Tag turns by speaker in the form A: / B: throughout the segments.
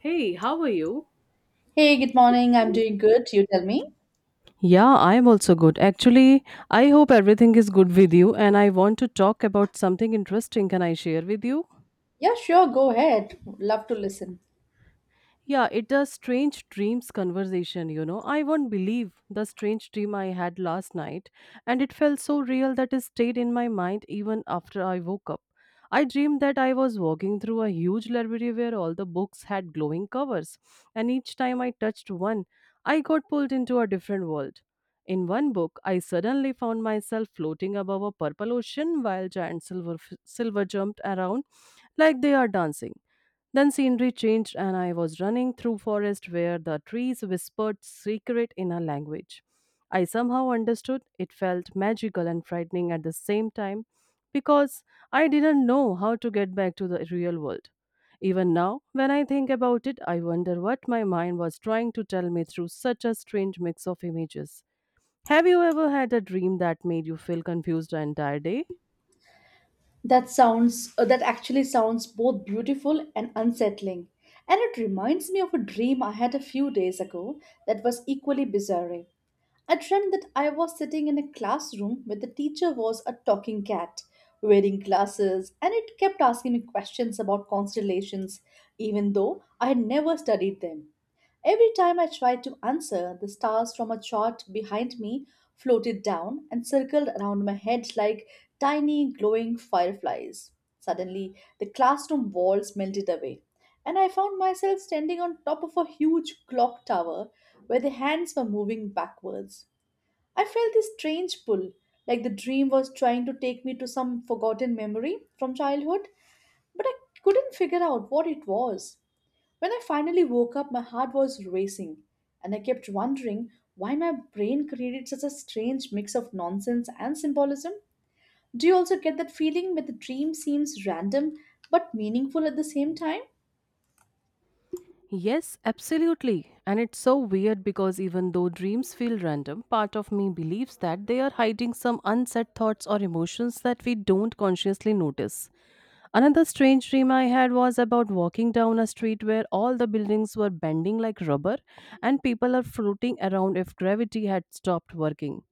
A: Hey, how are you?
B: Hey, good morning. I'm doing good. You tell me.
A: Yeah, I am also good. Actually, I hope everything is good with you, and I want to talk about something interesting. Can I share with you?
B: Yeah, sure. Go ahead. Love to listen.
A: Yeah, it's a strange dreams conversation, you know. I won't believe the strange dream I had last night, and it felt so real that it stayed in my mind even after I woke up. I dreamed that I was walking through a huge library where all the books had glowing covers, and each time I touched one, I got pulled into a different world. In one book, I suddenly found myself floating above a purple ocean while giant silver jumped around like they are dancing. Then scenery changed, and I was running through forest where the trees whispered secret in a language. I somehow understood. It felt magical and frightening at the same time because I didn't know how to get back to the real world. Even now, when I think about it, I wonder what my mind was trying to tell me through such a strange mix of images. Have you ever had a dream that made you feel confused the entire day?
B: That that actually sounds both beautiful and unsettling. And it reminds me of a dream I had a few days ago that was equally bizarre. I dreamt that I was sitting in a classroom where the teacher was a talking cat wearing glasses and it kept asking me questions about constellations, even though I had never studied them. Every time I tried to answer, the stars from a chart behind me floated down and circled around my head like tiny glowing fireflies. Suddenly, the classroom walls melted away and I found myself standing on top of a huge clock tower where the hands were moving backwards. I felt this strange pull, like the dream was trying to take me to some forgotten memory from childhood, but I couldn't figure out what it was. When I finally woke up, my heart was racing, and I kept wondering why my brain created such a strange mix of nonsense and symbolism. Do you also get that feeling that the dream seems random but meaningful at the same time?
A: Yes, absolutely. And it's so weird because even though dreams feel random, part of me believes that they are hiding some unsaid thoughts or emotions that we don't consciously notice. Another strange dream I had was about walking down a street where all the buildings were bending like rubber and people are floating around if gravity had stopped working.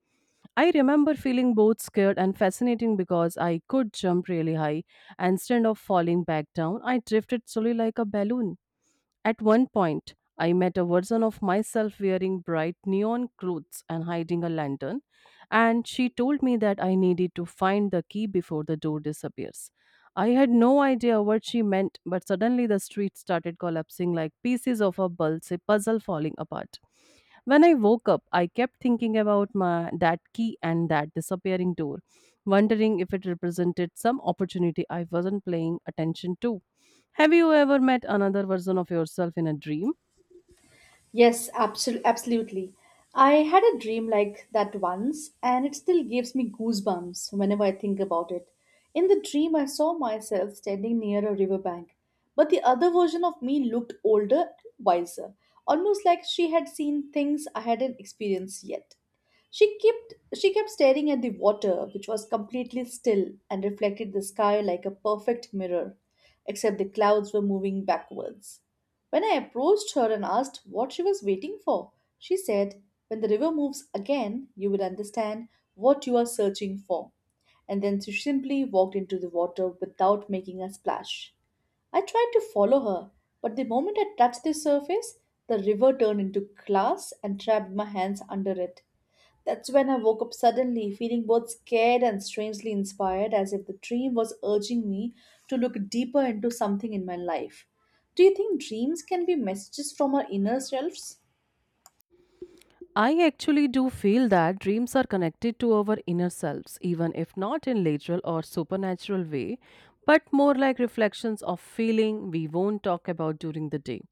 A: I remember feeling both scared and fascinating because I could jump really high and instead of falling back down, I drifted slowly like a balloon. At one point, I met a version of myself wearing bright neon clothes and hiding a lantern, and she told me that I needed to find the key before the door disappears. I had no idea what she meant, but suddenly the street started collapsing like pieces of a bulse puzzle falling apart. When I woke up, I kept thinking about my that key and that disappearing door, wondering if it represented some opportunity I wasn't paying attention to. Have you ever met another version of yourself in a dream?
B: Yes, absolutely. I had a dream like that once, and it still gives me goosebumps whenever I think about it. In the dream, I saw myself standing near a riverbank, but the other version of me looked older and wiser, almost like she had seen things I hadn't experienced yet. She kept she kept staring at the water, which was completely still and reflected the sky like a perfect mirror, except the clouds were moving backwards. When I approached her and asked what she was waiting for, she said, when the river moves again, you will understand what you are searching for. And then she simply walked into the water without making a splash. I tried to follow her, but the moment I touched the surface, the river turned into glass and trapped my hands under it. That's when I woke up suddenly, feeling both scared and strangely inspired, as if the dream was urging me to look deeper into something in my life. Do you think dreams can be messages from our inner selves?
A: I actually do feel that dreams are connected to our inner selves, even if not in literal or supernatural way, but more like reflections of feeling we won't talk about during the day.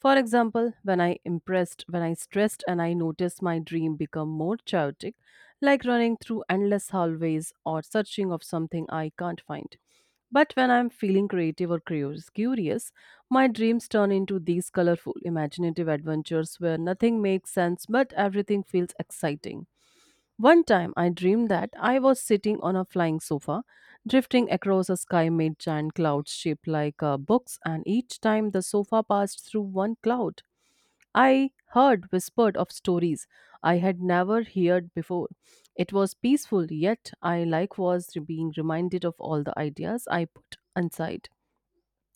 A: For example, when I stressed and I noticed my dream become more chaotic, like running through endless hallways or searching of something I can't find. But when I'm feeling creative or curious, my dreams turn into these colorful, imaginative adventures where nothing makes sense but everything feels exciting. One time I dreamed that I was sitting on a flying sofa, drifting across a sky made giant clouds shaped like books, and each time the sofa passed through one cloud, I heard whispered of stories I had never heard before. It was peaceful, yet I like was being reminded of all the ideas I put inside.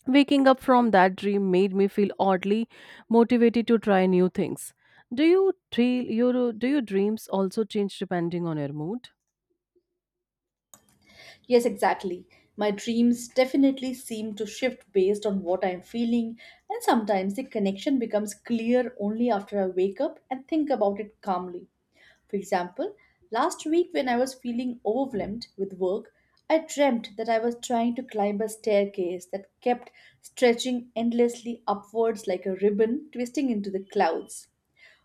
A: Waking up from that dream made me feel oddly motivated to try new things. Do your dreams also change depending on your mood?
B: Yes, exactly. My dreams definitely seem to shift based on what I'm feeling, and sometimes the connection becomes clear only after I wake up and think about it calmly. For example, last week when I was feeling overwhelmed with work, I dreamt that I was trying to climb a staircase that kept stretching endlessly upwards like a ribbon twisting into the clouds.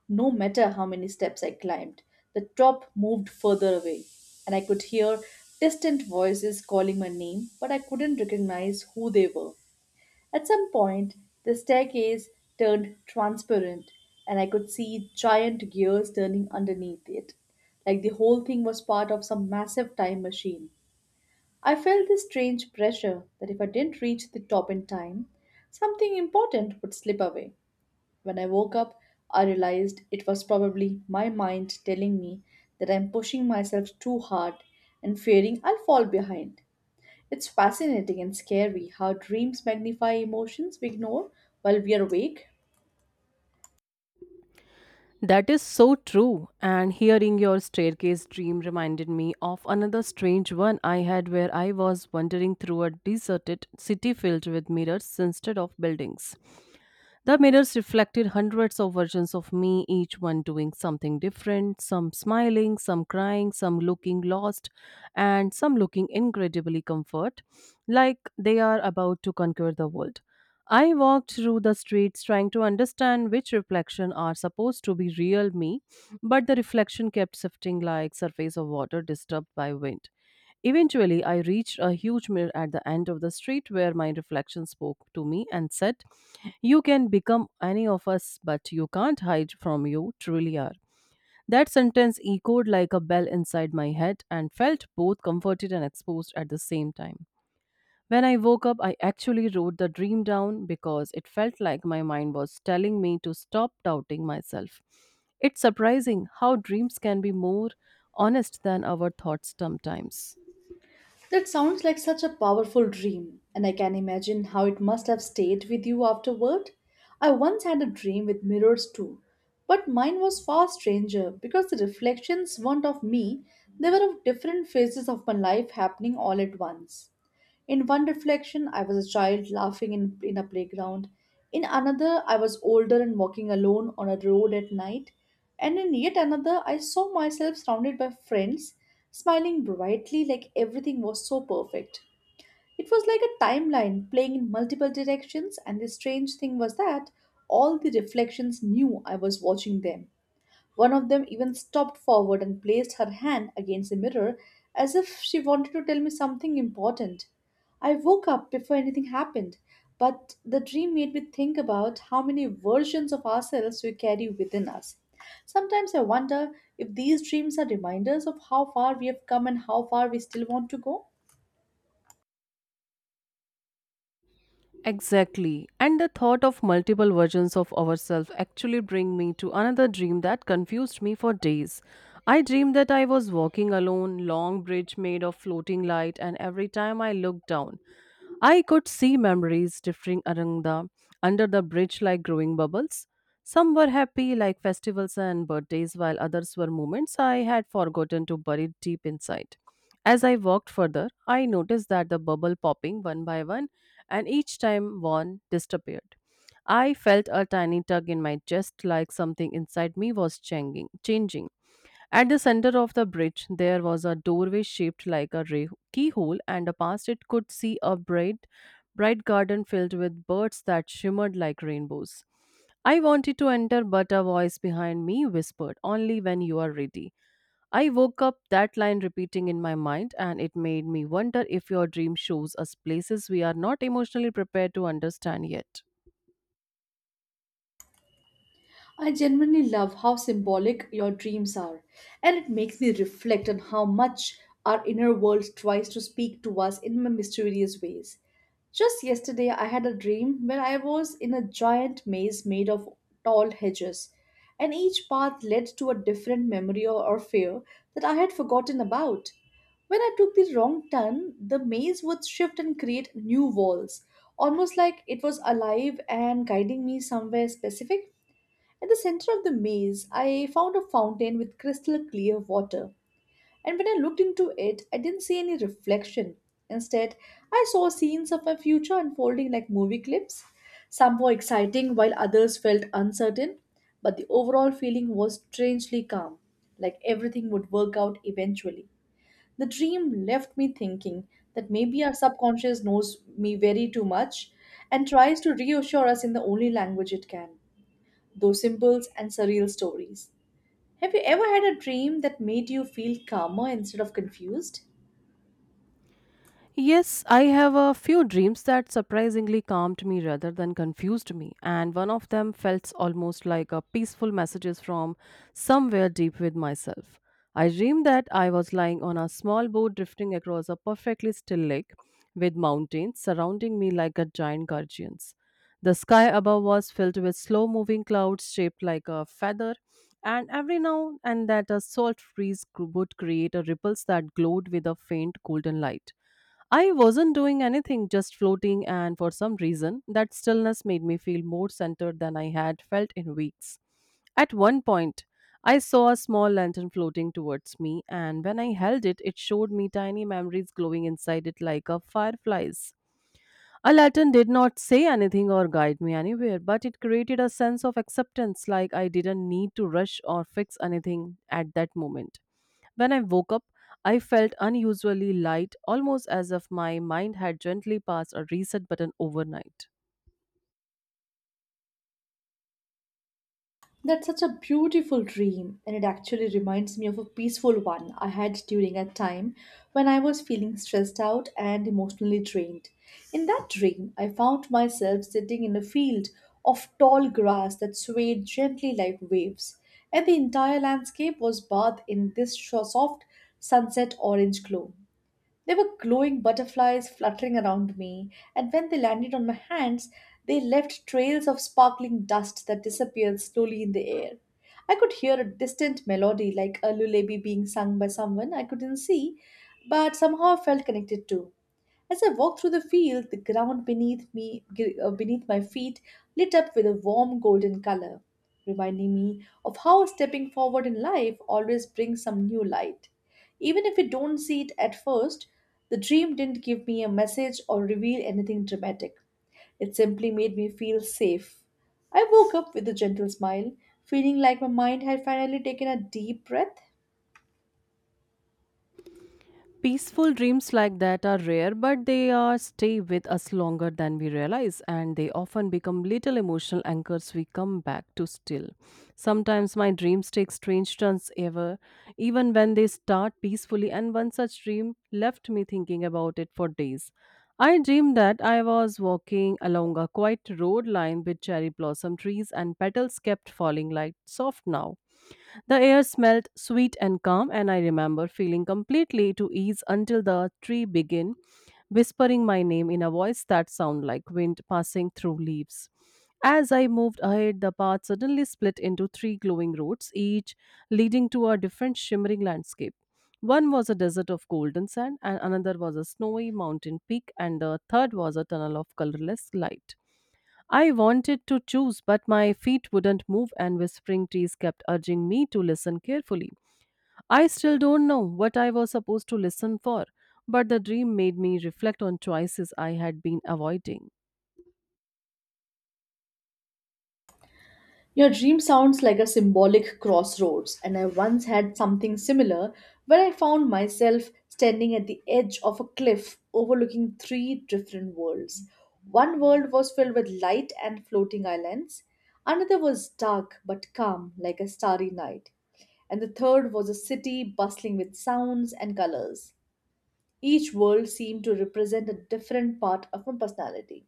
B: No matter how many steps I climbed, the top moved further away, and I could hear distant voices calling my name, but I couldn't recognize who they were. At some point, the staircase turned transparent, and I could see giant gears turning underneath it, like the whole thing was part of some massive time machine. I felt this strange pressure that if I didn't reach the top in time, something important would slip away. When I woke up, I realized it was probably my mind telling me that I'm pushing myself too hard and fearing I'll fall behind. It's fascinating and scary how dreams magnify emotions we ignore while we are awake.
A: That is so true. And hearing your staircase dream reminded me of another strange one I had where I was wandering through a deserted city filled with mirrors instead of buildings. The mirrors reflected hundreds of versions of me, each one doing something different, some smiling, some crying, some looking lost, and some looking incredibly comfort, like they are about to conquer the world. I walked through the streets trying to understand which reflection are supposed to be real me, but the reflection kept shifting like surface of water disturbed by wind. Eventually, I reached a huge mirror at the end of the street where my reflection spoke to me and said, you can become any of us, but you can't hide from you truly are. That sentence echoed like a bell inside my head and felt both comforted and exposed at the same time. When I woke up, I actually wrote the dream down because it felt like my mind was telling me to stop doubting myself. It's surprising how dreams can be more honest than our thoughts sometimes.
B: That sounds like such a powerful dream, and I can imagine how it must have stayed with you afterward. I once had a dream with mirrors too, but mine was far stranger because the reflections weren't of me, they were of different phases of my life happening all at once. In one reflection, I was a child laughing in a playground. In another, I was older and walking alone on a road at night. And in yet another, I saw myself surrounded by friends, smiling brightly like everything was so perfect. It was like a timeline playing in multiple directions, and the strange thing was that all the reflections knew I was watching them. One of them even stopped forward and placed her hand against the mirror as if she wanted to tell me something important. I woke up before anything happened, but the dream made me think about how many versions of ourselves we carry within us. Sometimes I wonder if these dreams are reminders of how far we have come and how far we still want to go.
A: Exactly. And the thought of multiple versions of ourselves actually bring me to another dream that confused me for days. I dreamed that I was walking alone, long bridge made of floating light, and every time I looked down, I could see memories drifting around the under the bridge like growing bubbles. Some were happy like festivals and birthdays, while others were moments I had forgotten to bury deep inside. As I walked further, I noticed that the bubble popping one by one, and each time one disappeared. I felt a tiny tug in my chest like something inside me was changing. At the center of the bridge, there was a doorway shaped like a keyhole, and past it could see a bright garden filled with birds that shimmered like rainbows. I wanted to enter, but a voice behind me whispered, Only when you are ready. I woke up that line repeating in my mind, and it made me wonder if your dream shows us places we are not emotionally prepared to understand yet.
B: I genuinely love how symbolic your dreams are, and it makes me reflect on how much our inner world tries to speak to us in mysterious ways. Just yesterday, I had a dream where I was in a giant maze made of tall hedges, and each path led to a different memory or fear that I had forgotten about. When I took the wrong turn, the maze would shift and create new walls, almost like it was alive and guiding me somewhere specific. At the center of the maze, I found a fountain with crystal clear water, and when I looked into it, I didn't see any reflection. Instead, I saw scenes of my future unfolding like movie clips. Some were exciting, while others felt uncertain, but the overall feeling was strangely calm, like everything would work out eventually. The dream left me thinking that maybe our subconscious knows me very too much and tries to reassure us in the only language it can, those symbols and surreal stories. Have you ever had a dream that made you feel calmer instead of confused?
A: Yes, I have a few dreams that surprisingly calmed me rather than confused me, and one of them felt almost like a peaceful messages from somewhere deep with myself. I dreamed that I was lying on a small boat drifting across a perfectly still lake with mountains surrounding me like a giant guardians. The sky above was filled with slow moving clouds shaped like a feather, and every now and then a salt breeze would create a ripples that glowed with a faint golden light. I wasn't doing anything, just floating, and for some reason, that stillness made me feel more centered than I had felt in weeks. At one point, I saw a small lantern floating towards me, and when I held it, it showed me tiny memories glowing inside it like a fireflies. A lantern did not say anything or guide me anywhere, but it created a sense of acceptance like I didn't need to rush or fix anything at that moment. When I woke up, I felt unusually light, almost as if my mind had gently passed a reset button overnight.
B: That's such a beautiful dream, and it actually reminds me of a peaceful one I had during a time when I was feeling stressed out and emotionally drained. In that dream, I found myself sitting in a field of tall grass that swayed gently like waves, and the entire landscape was bathed in this soft sunset orange glow. There were glowing butterflies fluttering around me, and when they landed on my hands, they left trails of sparkling dust that disappeared slowly in the air. I could hear a distant melody like a lullaby being sung by someone I couldn't see, but somehow I felt connected to. As I walked through the field, the ground beneath my feet lit up with a warm golden color, reminding me of how stepping forward in life always brings some new light. Even if we don't see it at first, the dream didn't give me a message or reveal anything dramatic. It simply made me feel safe. I woke up with a gentle smile, feeling like my mind had finally taken a deep breath.
A: Peaceful dreams like that are rare, but they are stay with us longer than we realize, and they often become little emotional anchors we come back to still. Sometimes my dreams take strange turns ever, even when they start peacefully, and one such dream left me thinking about it for days. I dreamed that I was walking along a quiet road lined with cherry blossom trees and petals kept falling like soft now. The air smelled sweet and calm, and I remember feeling completely to ease until the tree began whispering my name in a voice that sounded like wind passing through leaves. As I moved ahead, the path suddenly split into three glowing roads, each leading to a different shimmering landscape. One was a desert of golden sand, and another was a snowy mountain peak, and the third was a tunnel of colorless light. I wanted to choose, but my feet wouldn't move, and whispering trees kept urging me to listen carefully. I still don't know what I was supposed to listen for, but the dream made me reflect on choices I had been avoiding.
B: Your dream sounds like a symbolic crossroads, and I once had something similar where I found myself standing at the edge of a cliff overlooking three different worlds. One world was filled with light and floating islands, another was dark but calm like a starry night, and the third was a city bustling with sounds and colors. Each world seemed to represent a different part of my personality,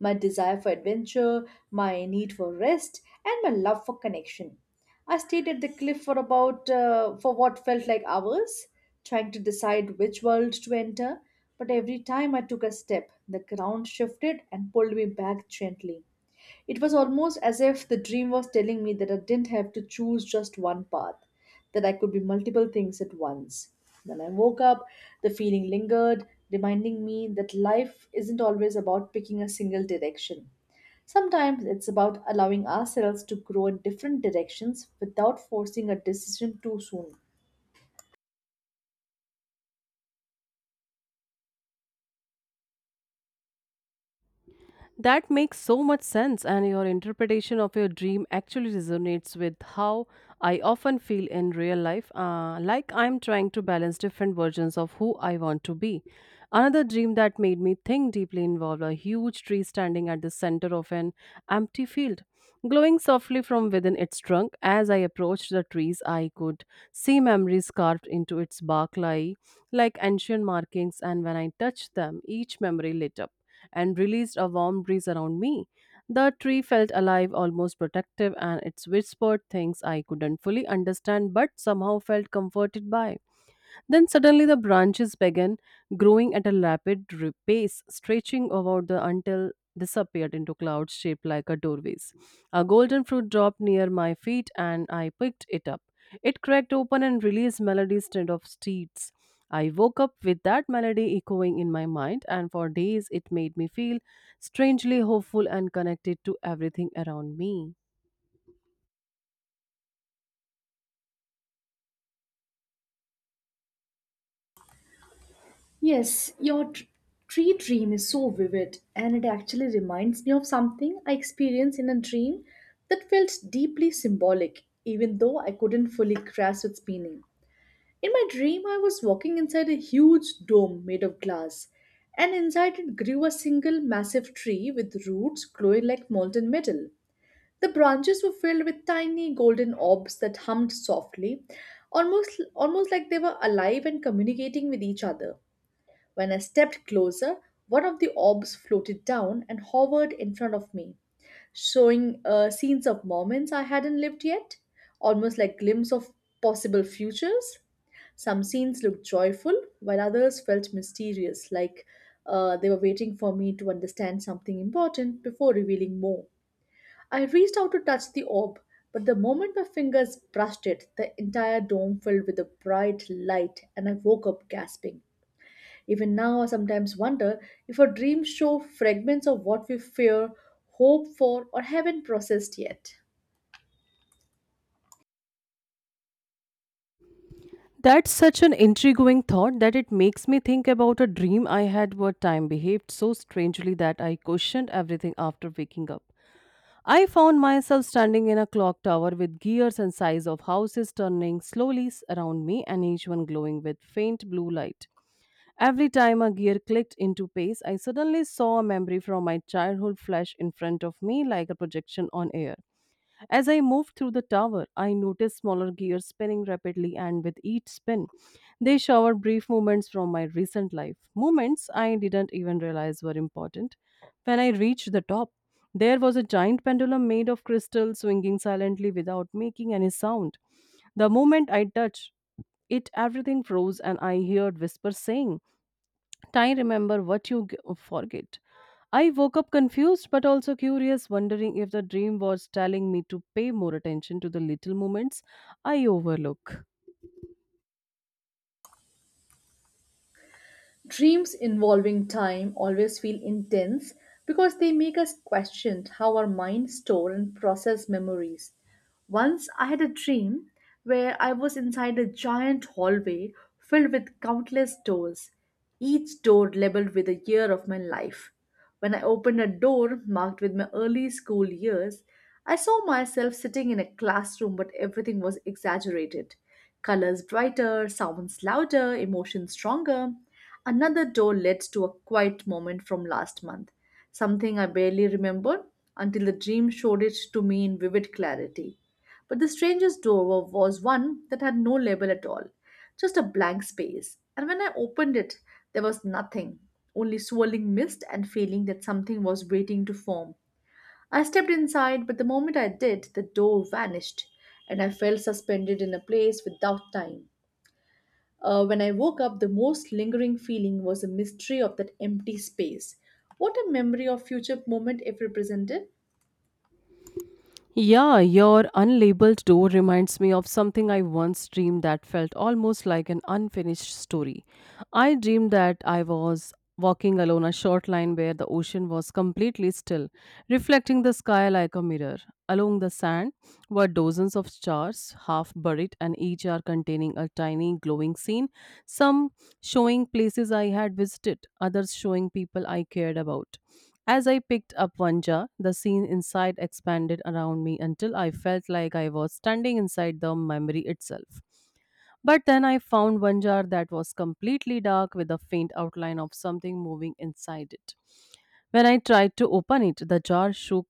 B: my desire for adventure, my need for rest, and my love for connection. I stayed at the cliff for about for what felt like hours, trying to decide which world to enter. But every time I took a step, the ground shifted and pulled me back gently. It was almost as if the dream was telling me that I didn't have to choose just one path, that I could be multiple things at once. When I woke up, the feeling lingered, reminding me that life isn't always about picking a single direction. Sometimes it's about allowing ourselves to grow in different directions without forcing a decision too soon.
A: That makes so much sense, and your interpretation of your dream actually resonates with how I often feel in real life, like I'm trying to balance different versions of who I want to be. Another dream that made me think deeply involved a huge tree standing at the center of an empty field, glowing softly from within its trunk. As I approached the trees, I could see memories carved into its bark, like ancient markings, and when I touched them, each memory lit up and released a warm breeze around me. The tree felt alive, almost protective, and it whispered things I couldn't fully understand but somehow felt comforted by. Then suddenly the branches began growing at a rapid pace, stretching about the until disappeared into clouds shaped like a doorways. A golden fruit dropped near my feet and I picked it up. It cracked open and released melodies instead of steeds. I woke up with that melody echoing in my mind, and for days it made me feel strangely hopeful and connected to everything around me.
B: Yes, your tree dream is so vivid and it actually reminds me of something I experienced in a dream that felt deeply symbolic, even though I couldn't fully grasp its meaning. In my dream, I was walking inside a huge dome made of glass, and inside it grew a single massive tree with roots glowing like molten metal. The branches were filled with tiny golden orbs that hummed softly, almost like they were alive and communicating with each other. When I stepped closer, one of the orbs floated down and hovered in front of me, showing scenes of moments I hadn't lived yet, almost like glimpses of possible futures. Some scenes looked joyful, while others felt mysterious, like they were waiting for me to understand something important before revealing more. I reached out to touch the orb, but the moment my fingers brushed it, the entire dome filled with a bright light, and I woke up gasping. Even now, I sometimes wonder if our dreams show fragments of what we fear, hope for, or haven't processed yet.
A: That's such an intriguing thought that it makes me think about a dream I had where time behaved so strangely that I questioned everything after waking up. I found myself standing in a clock tower with gears and size of houses turning slowly around me, and each one glowing with faint blue light. Every time a gear clicked into pace, I suddenly saw a memory from my childhood flash in front of me like a projection on air. As I moved through the tower, I noticed smaller gears spinning rapidly, and with each spin, they showered brief moments from my recent life. Moments I didn't even realize were important. When I reached the top, there was a giant pendulum made of crystal swinging silently without making any sound. The moment I touched it, everything froze, and I heard whispers saying, "I remember what forget." I woke up confused but also curious, wondering if the dream was telling me to pay more attention to the little moments I overlook.
B: Dreams involving time always feel intense because they make us question how our minds store and process memories. Once I had a dream where I was inside a giant hallway filled with countless doors, each door labeled with a year of my life. When I opened a door marked with my early school years, I saw myself sitting in a classroom, but everything was exaggerated. Colors brighter, sounds louder, emotions stronger. Another door led to a quiet moment from last month, something I barely remembered until the dream showed it to me in vivid clarity. But the strangest door was one that had no label at all, just a blank space. And when I opened it, there was nothing, only swirling mist and feeling that something was waiting to form. I stepped inside, but the moment I did, the door vanished, and I felt suspended in a place without time. When I woke up, the most lingering feeling was the mystery of that empty space. What a memory or future moment if represented.
A: Yeah, your unlabeled door reminds me of something I once dreamed that felt almost like an unfinished story. I dreamed that I was walking along a short line where the ocean was completely still, reflecting the sky like a mirror. Along the sand were dozens of stars, half buried, and each are containing a tiny glowing scene, some showing places I had visited, others showing people I cared about. As I picked up one jar, the scene inside expanded around me until I felt like I was standing inside the memory itself. But then I found one jar that was completely dark with a faint outline of something moving inside it. When I tried to open it, the jar shook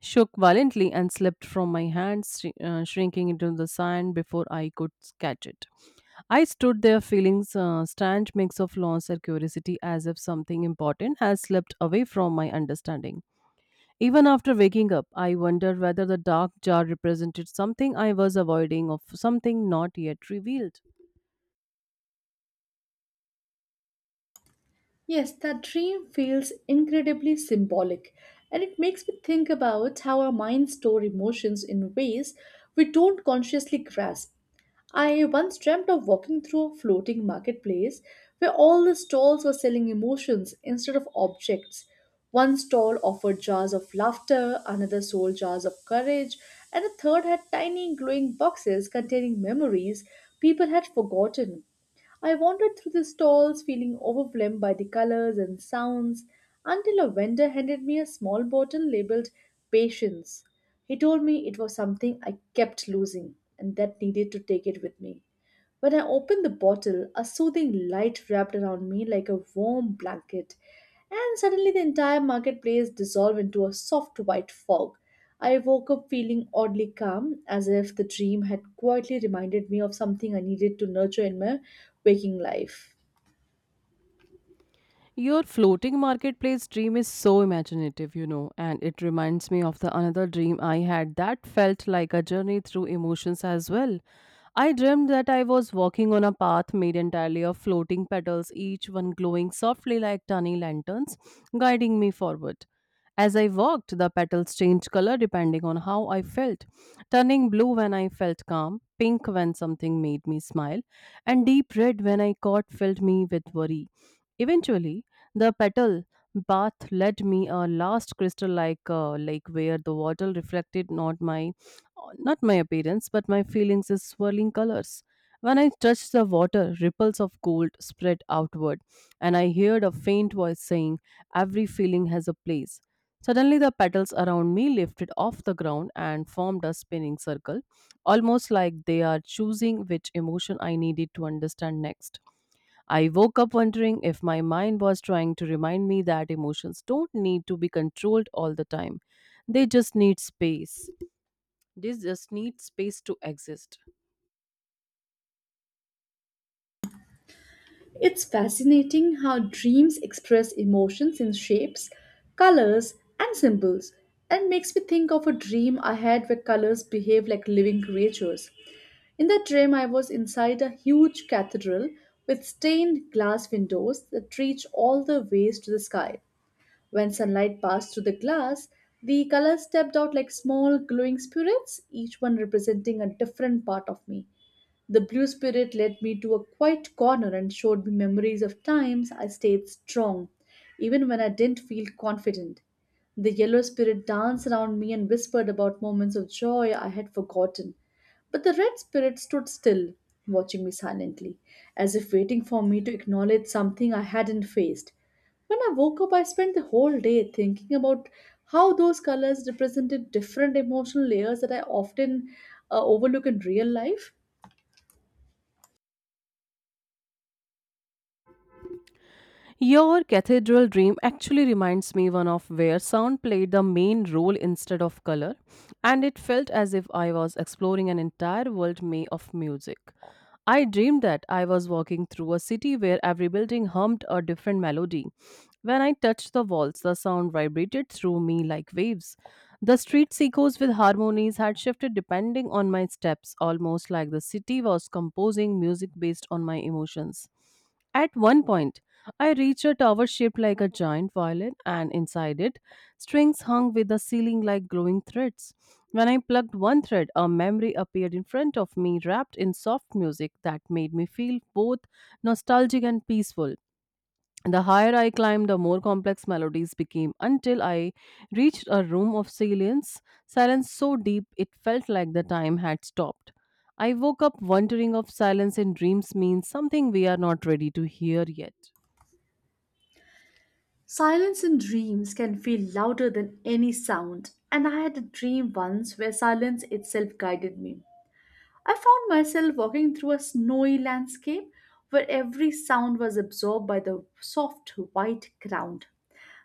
A: shook violently and slipped from my hands, shrinking into the sand before I could catch it. I stood there feeling a strange mix of loss and curiosity, as if something important has slipped away from my understanding. Even after waking up, I wondered whether the dark jar represented something I was avoiding or something not yet revealed.
B: Yes, that dream feels incredibly symbolic, and it makes me think about how our minds store emotions in ways we don't consciously grasp. I once dreamt of walking through a floating marketplace where all the stalls were selling emotions instead of objects. One stall offered jars of laughter, another sold jars of courage, and a third had tiny glowing boxes containing memories people had forgotten. I wandered through the stalls feeling overwhelmed by the colors and sounds until a vendor handed me a small bottle labeled Patience. He told me it was something I kept losing and that needed to take it with me. When I opened the bottle, a soothing light wrapped around me like a warm blanket, and suddenly the entire marketplace dissolved into a soft white fog. I woke up feeling oddly calm, as if the dream had quietly reminded me of something I needed to nurture in my waking life.
A: Your floating marketplace dream is so imaginative, you know, and it reminds me of the another dream I had that felt like a journey through emotions as well. I dreamed that I was walking on a path made entirely of floating petals, each one glowing softly like tiny lanterns, guiding me forward. As I walked, the petals changed color depending on how I felt, turning blue when I felt calm, pink when something made me smile, and deep red when I caught filled me with worry. Eventually, the petal bath led me a last crystal like lake where the water reflected not my appearance but my feelings in swirling colors. When I touched the water, ripples of gold spread outward, and I heard a faint voice saying, "Every feeling has a place." Suddenly, the petals around me lifted off the ground and formed a spinning circle, almost like they are choosing which emotion I needed to understand next. I woke up wondering if my mind was trying to remind me that emotions don't need to be controlled all the time. They just need space. They just need space to exist.
B: It's fascinating how dreams express emotions in shapes, colors, and symbols, and makes me think of a dream I had where colors behave like living creatures. In that dream, I was inside a huge cathedral with stained glass windows that reach all the ways to the sky. When sunlight passed through the glass, the colors stepped out like small glowing spirits, each one representing a different part of me. The blue spirit led me to a quiet corner and showed me memories of times I stayed strong, even when I didn't feel confident. The yellow spirit danced around me and whispered about moments of joy I had forgotten. But the red spirit stood still, watching me silently, as if waiting for me to acknowledge something I hadn't faced. When I woke up, I spent the whole day thinking about how those colors represented different emotional layers that I often overlook in real life.
A: Your cathedral dream actually reminds me one of where sound played the main role instead of color, and it felt as if I was exploring an entire world made of music. I dreamed that I was walking through a city where every building hummed a different melody. When I touched the walls, the sound vibrated through me like waves. The streets echoes with harmonies had shifted depending on my steps, almost like the city was composing music based on my emotions. At one point, I reached a tower shaped like a giant violin, and inside it, strings hung with the ceiling like glowing threads. When I plugged one thread, a memory appeared in front of me, wrapped in soft music that made me feel both nostalgic and peaceful. The higher I climbed, the more complex melodies became until I reached a room of silence so deep it felt like the time had stopped. I woke up wondering if silence in dreams means something we are not ready to hear yet.
B: Silence in dreams can feel louder than any sound, and I had a dream once where silence itself guided me. I found myself walking through a snowy landscape where every sound was absorbed by the soft white ground,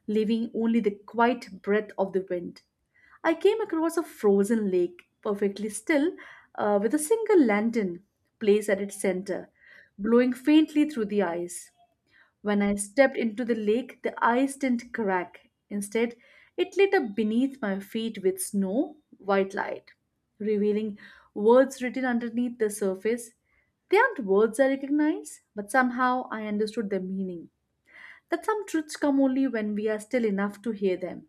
B: leaving only the quiet breath of the wind. I came across a frozen lake, perfectly still, with a single lantern placed at its center, glowing faintly through the ice. When I stepped into the lake, the ice didn't crack. Instead, it lit up beneath my feet with snow white light, revealing words written underneath the surface. They aren't words I recognize, but somehow I understood their meaning. That some truths come only when we are still enough to hear them.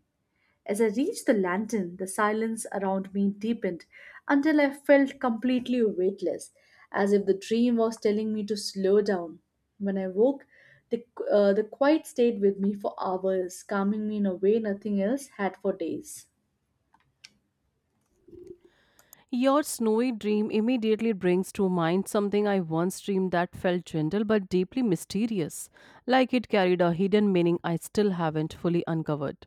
B: As I reached the lantern, the silence around me deepened until I felt completely weightless, as if the dream was telling me to slow down. When I woke, the, the quiet stayed with me for hours, calming me in a way nothing else had for days.
A: Your snowy dream immediately brings to mind something I once dreamed that felt gentle but deeply mysterious, like it carried a hidden meaning I still haven't fully uncovered.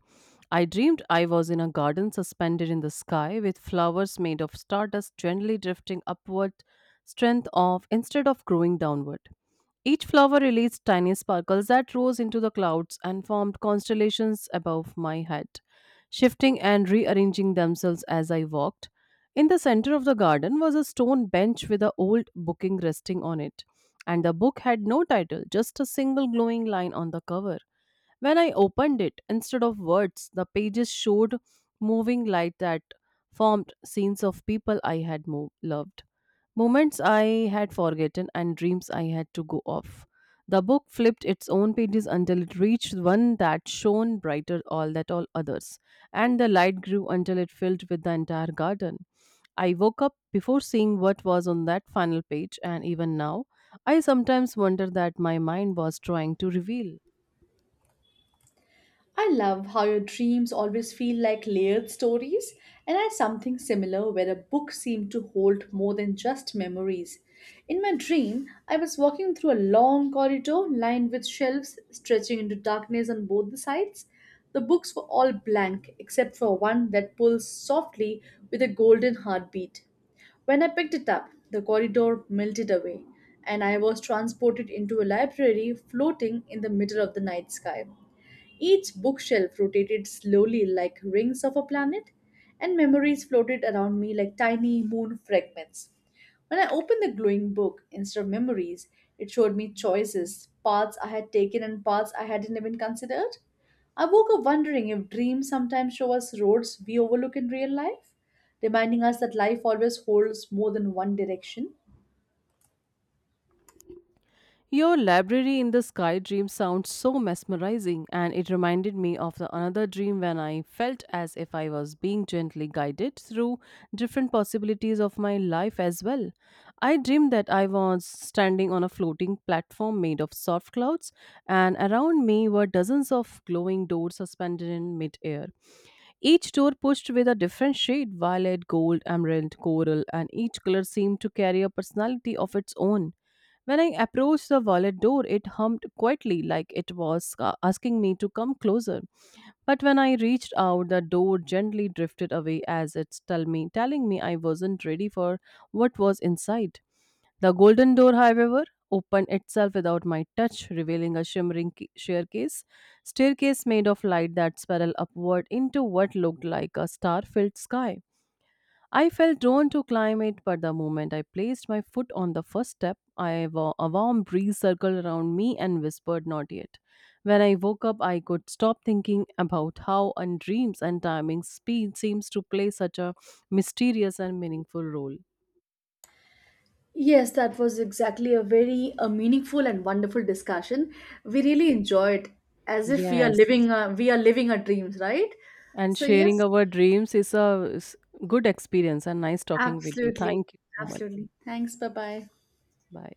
A: I dreamed I was in a garden suspended in the sky with flowers made of stardust gently drifting upward, strength off instead of growing downward. Each flower released tiny sparkles that rose into the clouds and formed constellations above my head, shifting and rearranging themselves as I walked. In the center of the garden was a stone bench with an old booking resting on it, and the book had no title, just a single glowing line on the cover. When I opened it, instead of words, the pages showed moving light that formed scenes of people I had loved. Moments I had forgotten and dreams I had to go off. The book flipped its own pages until it reached one that shone brighter all that all others, and the light grew until it filled with the entire garden. I woke up before seeing what was on that final page, and even now, I sometimes wonder that my mind was trying to reveal.
B: I love how your dreams always feel like layered stories, and I had something similar where a book seemed to hold more than just memories. In my dream, I was walking through a long corridor lined with shelves stretching into darkness on both the sides. The books were all blank except for one that pulls softly with a golden heartbeat. When I picked it up, the corridor melted away, and I was transported into a library floating in the middle of the night sky. Each bookshelf rotated slowly like rings of a planet, and memories floated around me like tiny moon fragments. When I opened the glowing book, instead of memories, it showed me choices, paths I had taken and paths I hadn't even considered. I woke up wondering if dreams sometimes show us roads we overlook in real life, reminding us that life always holds more than one direction.
A: Your library in the sky dream sounds so mesmerizing, and it reminded me of the another dream when I felt as if I was being gently guided through different possibilities of my life as well. I dreamed that I was standing on a floating platform made of soft clouds, and around me were dozens of glowing doors suspended in midair. Each door pushed with a different shade violet, gold, emerald, coral, and each color seemed to carry a personality of its own. When I approached the wallet door, it hummed quietly like it was asking me to come closer. But when I reached out, the door gently drifted away as it told me, telling me I wasn't ready for what was inside. The golden door, however, opened itself without my touch, revealing a shimmering staircase made of light that spiraled upward into what looked like a star-filled sky. I felt drawn to climb it, but the moment I placed my foot on the first step, a warm breeze circled around me and whispered, "Not yet." When I woke up, I could stop thinking about how and dreams and timing speed seems to play such a mysterious and meaningful role.
B: Yes, that was exactly a very meaningful and wonderful discussion. We really enjoyed as if we are
A: Yes.
B: living our dreams, right?
A: And
B: So
A: sharing
B: yes,
A: our dreams is good experience and nice talking with you.
B: absolutely.
A: Thank you so much.
B: Absolutely. Thanks. Bye-bye.
A: Bye.